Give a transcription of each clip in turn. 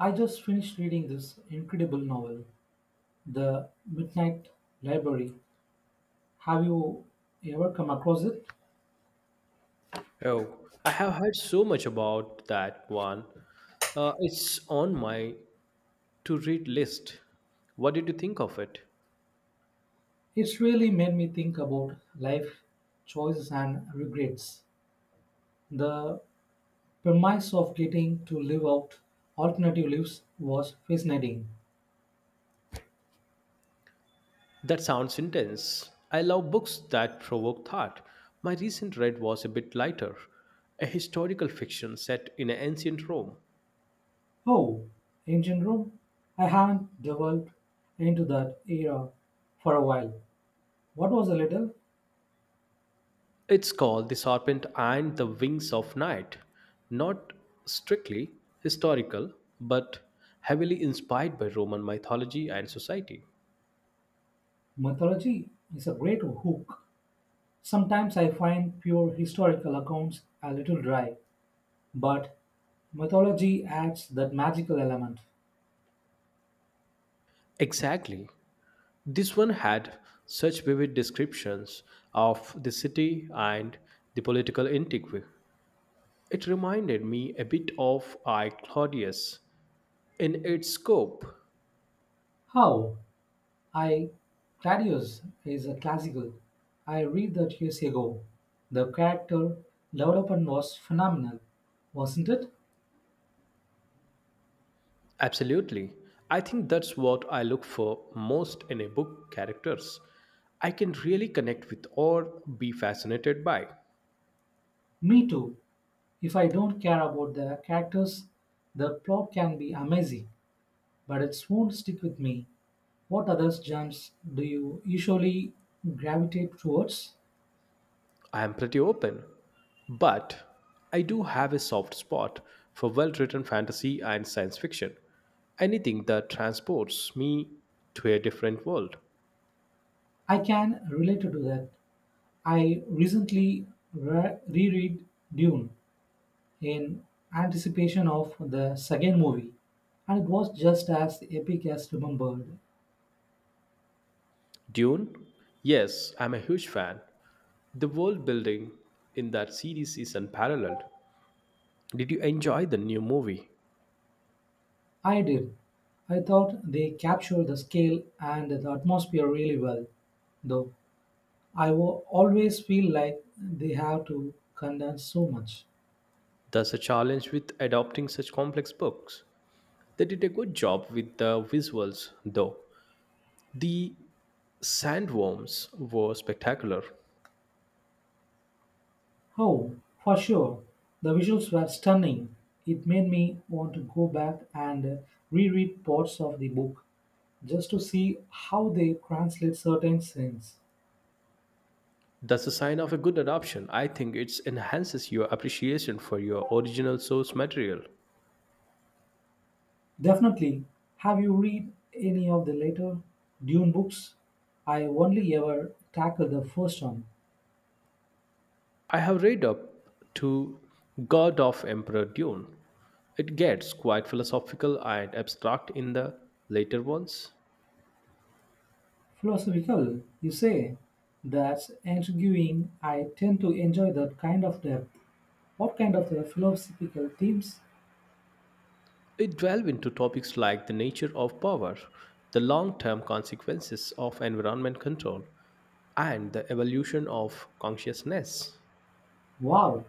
I just finished reading this incredible novel, The Midnight Library. Have you ever come across it? Oh, I have heard so much about that one. It's on my to read list. What did you think of it? It's really made me think about life choices and regrets. The premise of getting to live out alternative lives was fascinating. That sounds intense. I love books that provoke thought. My recent read was a bit lighter, a historical fiction set in ancient Rome. Oh, ancient Rome? I haven't delved into that era for a while. What was a little It's called The Serpent and the Wings of Night. Not strictly historical, but heavily inspired by Roman mythology and society. mythology. It's a great hook. Sometimes I find pure historical accounts a little dry, but mythology adds that magical element. Exactly. This one had such vivid descriptions of the city and the political intrigue. It reminded me a bit of I Claudius in its scope. How? I Claudius is a classical. I read that years ago. The character development was phenomenal, wasn't it? Absolutely. I think that's what I look for most in a book characters. I can really connect with or be fascinated by. Me too. If I don't care about the characters, the plot can be amazing, but it won't stick with me. What other genres do you usually gravitate towards? I am pretty open, but I do have a soft spot for well written fantasy and science fiction. Anything that transports me to a different world. I can relate to that. I recently reread Dune in anticipation of the second movie, and it was just as epic as remembered. Dune? Yes, I'm a huge fan. The world building in that series is unparalleled. Did you enjoy the new movie? I did. I thought they captured the scale and the atmosphere really well, though I will always feel like they have to condense so much. That's a challenge with adopting such complex books. They did a good job with the visuals, though. The sandworms were spectacular. Oh, for sure. The visuals were stunning. It made me want to go back and reread parts of the book just to see how they translate certain scenes. That's a sign of a good adoption. I think it enhances your appreciation for your original source material. Definitely. Have you read any of the later Dune books? I only ever tackled the first one. I have read up to God of Emperor Dune. It gets quite philosophical and abstract in the later ones. Philosophical, you say? That's intriguing. I tend to enjoy that kind of depth. What kind of philosophical themes? It delves into topics like the nature of power, the long term consequences of environment control, and the evolution of consciousness. Wow,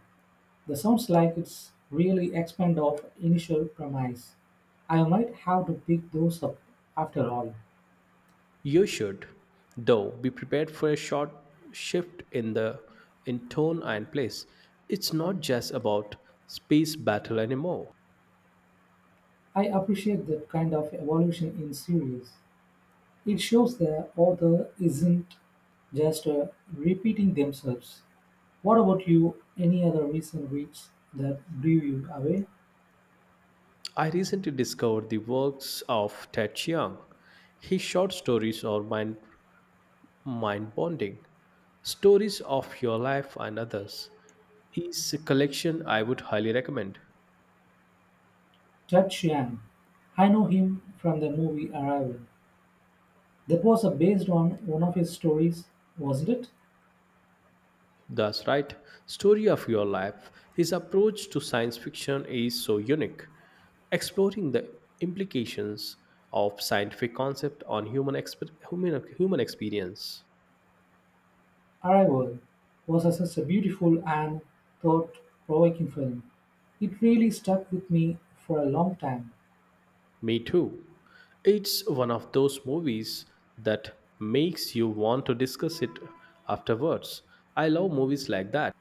that sounds like it's really expand of initial premise. I might have to pick those up after all. You should, though, be prepared for a short shift in the in tone and place. It's not just about space battle anymore. I appreciate that kind of evolution in series. It shows the author isn't just repeating themselves. What about you? Any other recent reads that blew you away? I recently discovered the works of Ted Chiang. His short stories are mind bonding, stories of your life and others. Is a collection I would highly recommend. Ted Chiang. I know him from the movie Arrival. That was based on one of his stories, wasn't it? That's right. Story of Your Life. His approach to science fiction is so unique, exploring the implications of scientific concept on human experience. "Arrival" was such a beautiful and thought-provoking film. It really stuck with me for a long time. Me too. It's one of those movies that makes you want to discuss it afterwards. I love movies like that.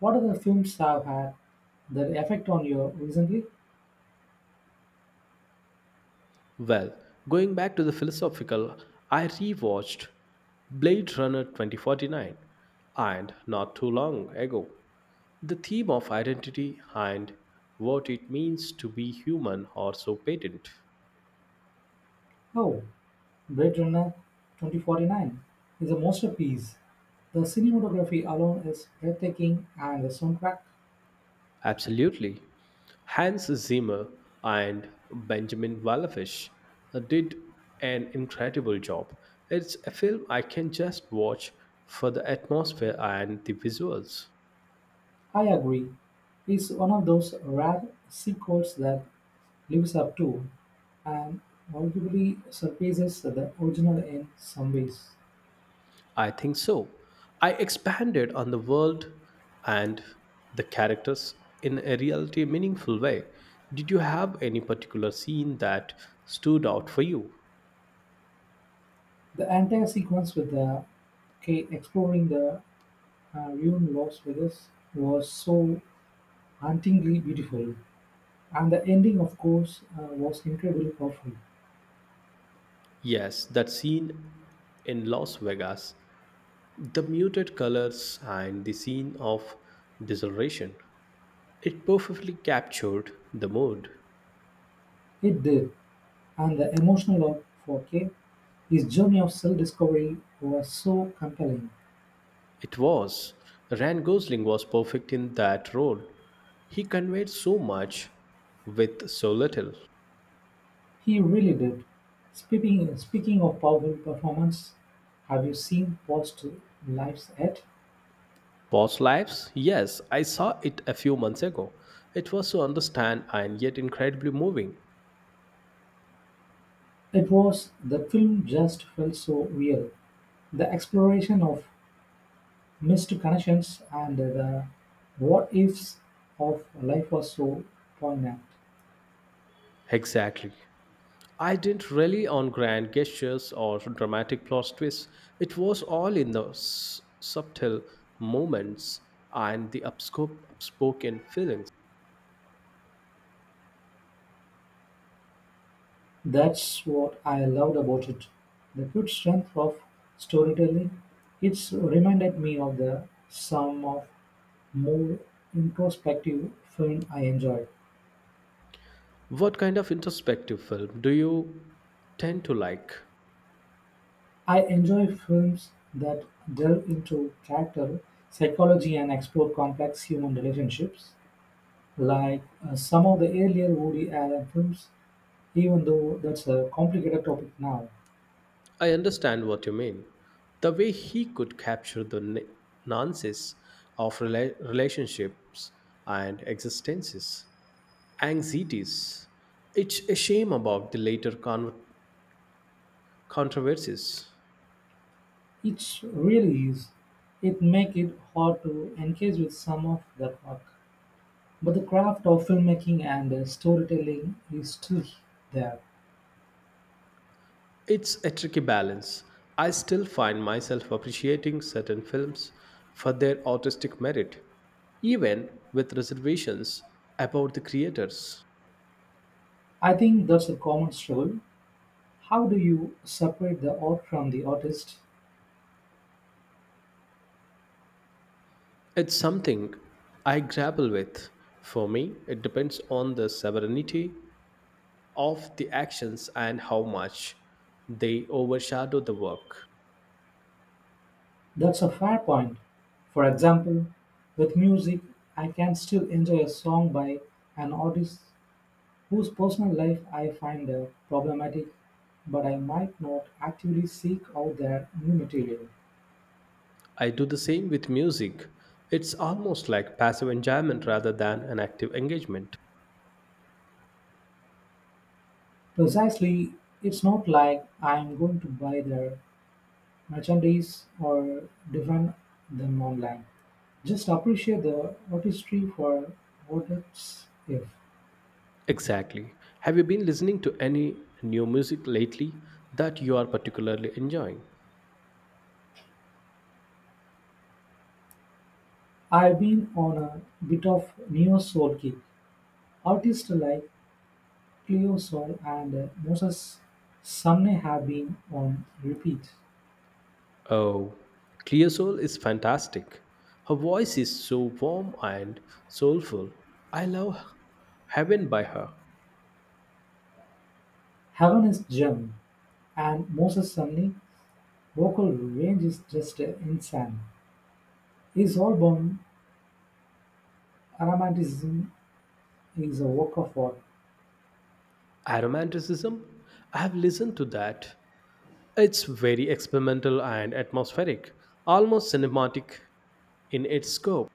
What other films have had that effect on you recently? Well, going back to the philosophical, I rewatched Blade Runner 2049 and not too long ago. The theme of identity and what it means to be human are so patent. Oh, Blade Runner 2049 is a masterpiece. The cinematography alone is breathtaking, and the soundtrack, Absolutely. Hans Zimmer and Benjamin Wallafich did an incredible job. It's a film I can just watch for the atmosphere and the visuals. I agree, is one of those rare sequels that lives up to and arguably surpasses the original in some ways. I think so. I expanded on the world and the characters in a reality meaningful way. Did you have any particular scene that stood out for you? The entire sequence with the K exploring the ruined Las Vegas was so hauntingly beautiful, and the ending, of course, was incredibly powerful. Yes, that scene in Las Vegas, the muted colors and the scene of desolation. It perfectly captured the mood. It did, and the emotional arc for K, his journey of self-discovery was so compelling. It was. Ryan Gosling was perfect in that role. He conveyed so much with so little. He really did. Speaking of powerful performance, have you seen Past Lives yet? Past lives? Yes, I saw it a few months ago. It was so understand and yet incredibly moving. It was, the film just felt so real. The exploration of missed connections and the what-ifs of life was so poignant. Exactly. I didn't rely on grand gestures or dramatic plot twists. It was all in the subtle moments and the upspoken feelings. That's what I loved about it. The good strength of storytelling. It's reminded me of the some of more introspective film I enjoy. What kind of introspective film do you tend to like? I enjoy films that delve into character, psychology, and explore complex human relationships, like some of the earlier Woody Allen films, even though that's a complicated topic now. I understand what you mean. The way he could capture the nuances of relationships and existences, anxieties. It's a shame about the later controversies. It really is. It make it hard to engage with some of that work, but the craft of filmmaking and storytelling is still there. It's a tricky balance. I still find myself appreciating certain films for their artistic merit, even with reservations about the creators. I think that's a common struggle. How do you separate the art from the artist? It's something I grapple with. For me, it depends on the severity of the actions and how much they overshadow the work. That's a fair point. For example, with music, I can still enjoy a song by an artist whose personal life I find problematic, but I might not actively seek out their new material. I do the same with music. It's almost like passive enjoyment rather than an active engagement. Precisely, it's not like I'm going to buy their merchandise or defend them online. Just appreciate the artistry for what it's if. Exactly. Have you been listening to any new music lately that you are particularly enjoying? I've been on a bit of neo soul kick. Artists like Cleo Sol and Moses Sumney have been on repeat. Oh, Clear Soul is fantastic. Her voice is so warm and soulful. I love Heaven by her. Heaven is gem. And Moses Sumney's vocal range is just insane. His album "Romanticism" is a work of art. Aromanticism? I have listened to that. It's very experimental and atmospheric, almost cinematic in its scope.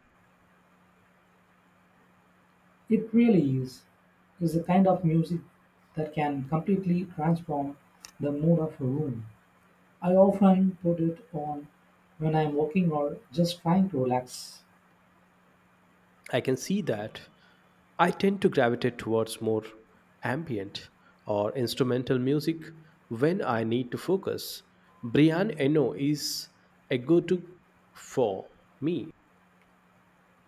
It really is. It's a kind of music that can completely transform the mood of a room. I often put it on when I'm working or just trying to relax. I can see that. I tend to gravitate towards more ambient or instrumental music when I need to focus. Brian Eno is a go to for me.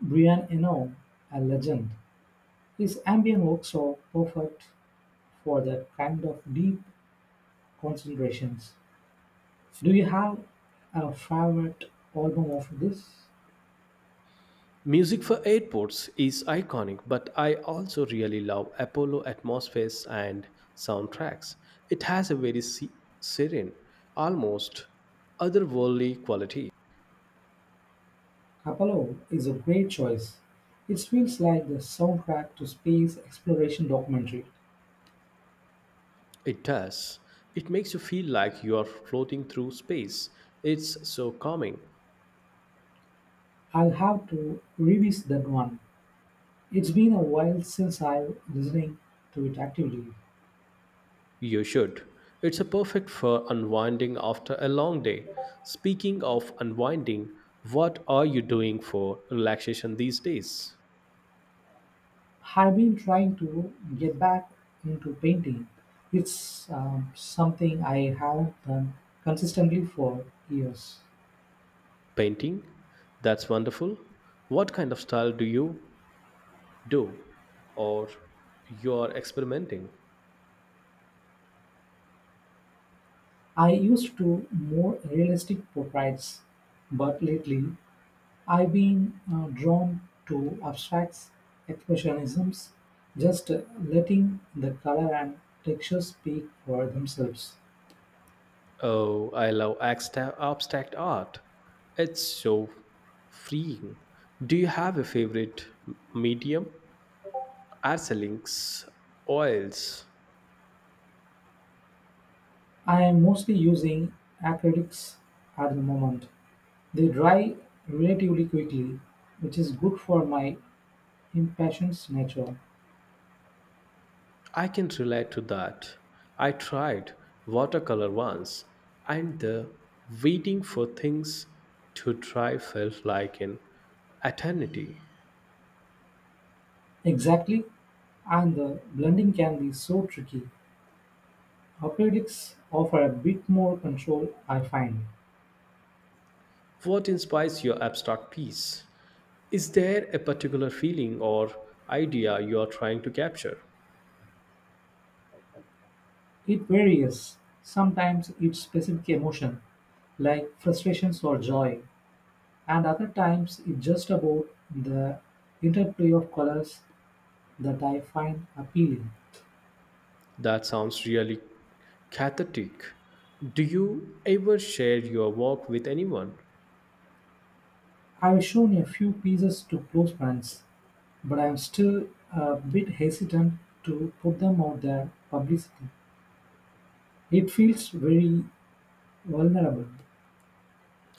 Brian Eno, a legend. His ambient works are perfect for that kind of deep concentrations. Do you have a favorite album of this? Music for airports is iconic, but I also really love Apollo atmospheres and soundtracks. It has a very serene, almost otherworldly quality. Apollo is a great choice. It feels like the soundtrack to space exploration documentary. It does. It makes you feel like you are floating through space. It's so calming. I'll have to revisit that one. It's been a while since I've listening to it actively. You should. It's a perfect for unwinding after a long day. Speaking of unwinding, what are you doing for relaxation these days? I've been trying to get back into painting. It's something I haven't done consistently for years. Painting? That's wonderful. What kind of style do you do? Or you are experimenting? I used to more realistic portraits, but lately I've been drawn to abstracts, expressionisms, just letting the color and texture speak for themselves. Oh, I love abstract art. It's so freeing. Do you have a favorite medium? Acrylics, oils. I am mostly using acrylics at the moment. They dry relatively quickly, which is good for my impatient nature. I can relate to that. I tried watercolor once, and the waiting for things to dry felt like an eternity. Exactly, and the blending can be so tricky. Acrylics offer a bit more control, I find. What inspires your abstract piece? Is there a particular feeling or idea you are trying to capture? It varies; sometimes it's specific emotion, like frustrations or joy, and other times it's just about the interplay of colors that I find appealing. That sounds really cathartic. Do you ever share your work with anyone? I've shown a few pieces to close friends, but I'm still a bit hesitant to put them out there publicly. It feels very vulnerable.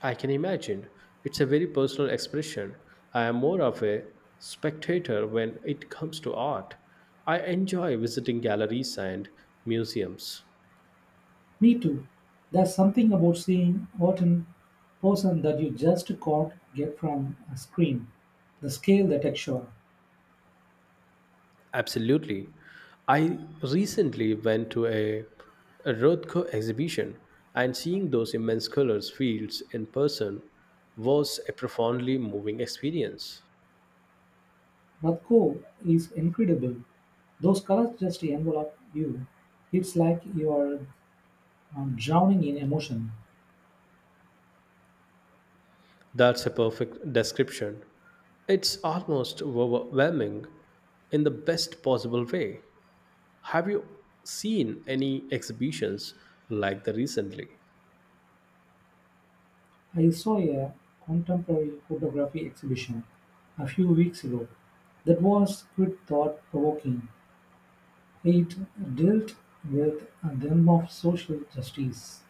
I can imagine. It's a very personal expression. I am more of a spectator when it comes to art. I enjoy visiting galleries and museums. Me too. There's something about seeing art in person that you just can't get from a screen. The scale, the texture. Absolutely. I recently went to a Rothko exhibition, and seeing those immense colors fields in person was a profoundly moving experience. Rothko is incredible. Those colors just envelop you. It's like you are drowning in emotion. That's a perfect description. It's almost overwhelming in the best possible way. Have you seen any exhibitions like the recently? I saw a contemporary photography exhibition a few weeks ago that was quite thought provoking. It dealt with a theme of social justice.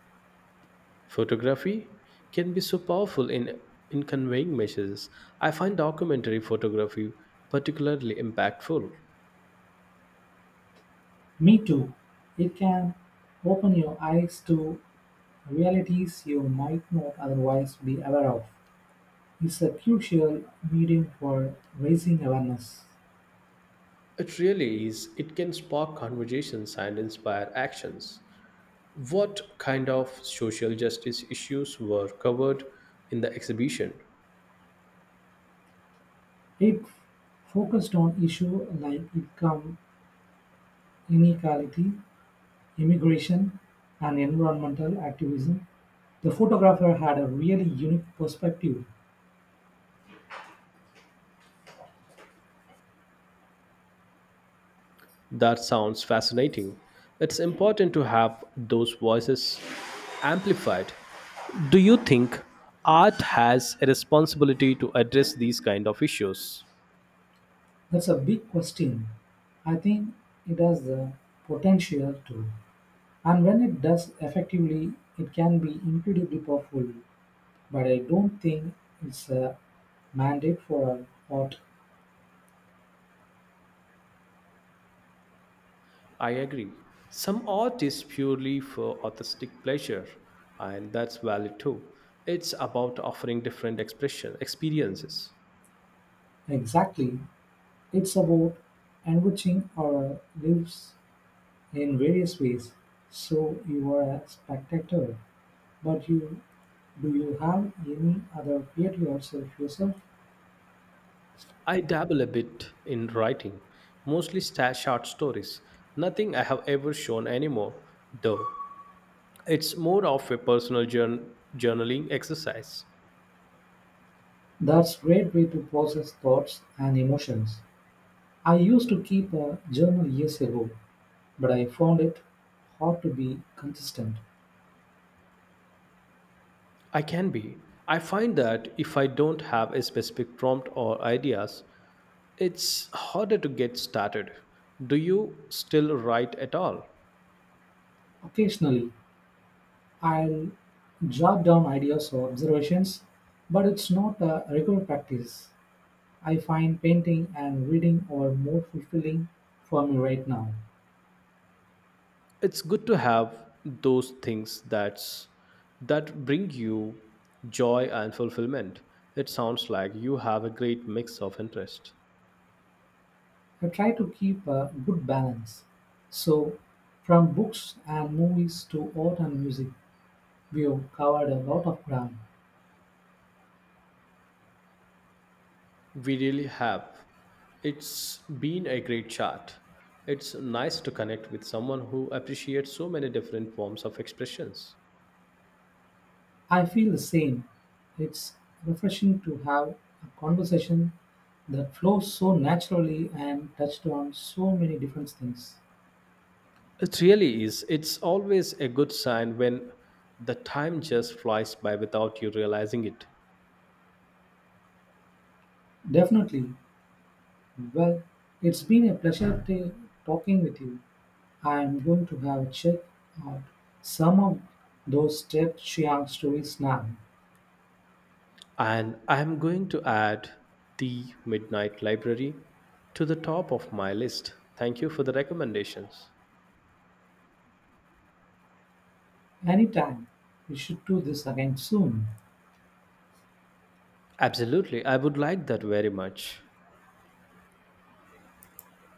Photography can be so powerful in conveying messages. I find documentary photography particularly impactful. Me too. It can open your eyes to realities you might not otherwise be aware of. It's a crucial medium for raising awareness. It really is. It can spark conversations and inspire actions. What kind of social justice issues were covered in the exhibition? It focused on issues like income inequality, immigration, and environmental activism. The photographer had a really unique perspective. That sounds fascinating. It's important to have those voices amplified. Do you think art has a responsibility to address these kind of issues? That's a big question. I think it has the potential to. And when it does effectively, it can be incredibly powerful, but I don't think it's a mandate for our art. I agree. Some art is purely for artistic pleasure, and that's valid too. It's about offering different expression experiences. Exactly. It's about enriching our lives in various ways. So you are a spectator, but you do you have any other creative outs of yourself? I dabble a bit in writing, mostly short stories. Nothing I have ever shown anymore, though. It's more of a personal journaling exercise. That's great way to process thoughts and emotions. I used to keep a journal years ago, but I found it hard to be consistent. I can be. I find that if I don't have a specific prompt or ideas, it's harder to get started. Do you still write at all? Occasionally, I'll jot down ideas or observations, but it's not a regular practice. I find painting and reading are more fulfilling for me right now. It's good to have those things that bring you joy and fulfillment. It sounds like you have a great mix of interest. I try to keep a good balance. So, from books and movies to art and music, we've covered a lot of ground. We really have. It's been a great chat. It's nice to connect with someone who appreciates so many different forms of expressions. I feel the same. It's refreshing to have a conversation that flows so naturally and touched on so many different things. It really is. It's always a good sign when the time just flies by without you realizing it. Definitely. Well, it's been a pleasure talking with you. I am going to have a check out some of those Step Chiang stories now. And I'm going to add The Midnight Library to the top of my list. Thank you for the recommendations. Anytime. We should do this again soon. Absolutely, I would like that very much.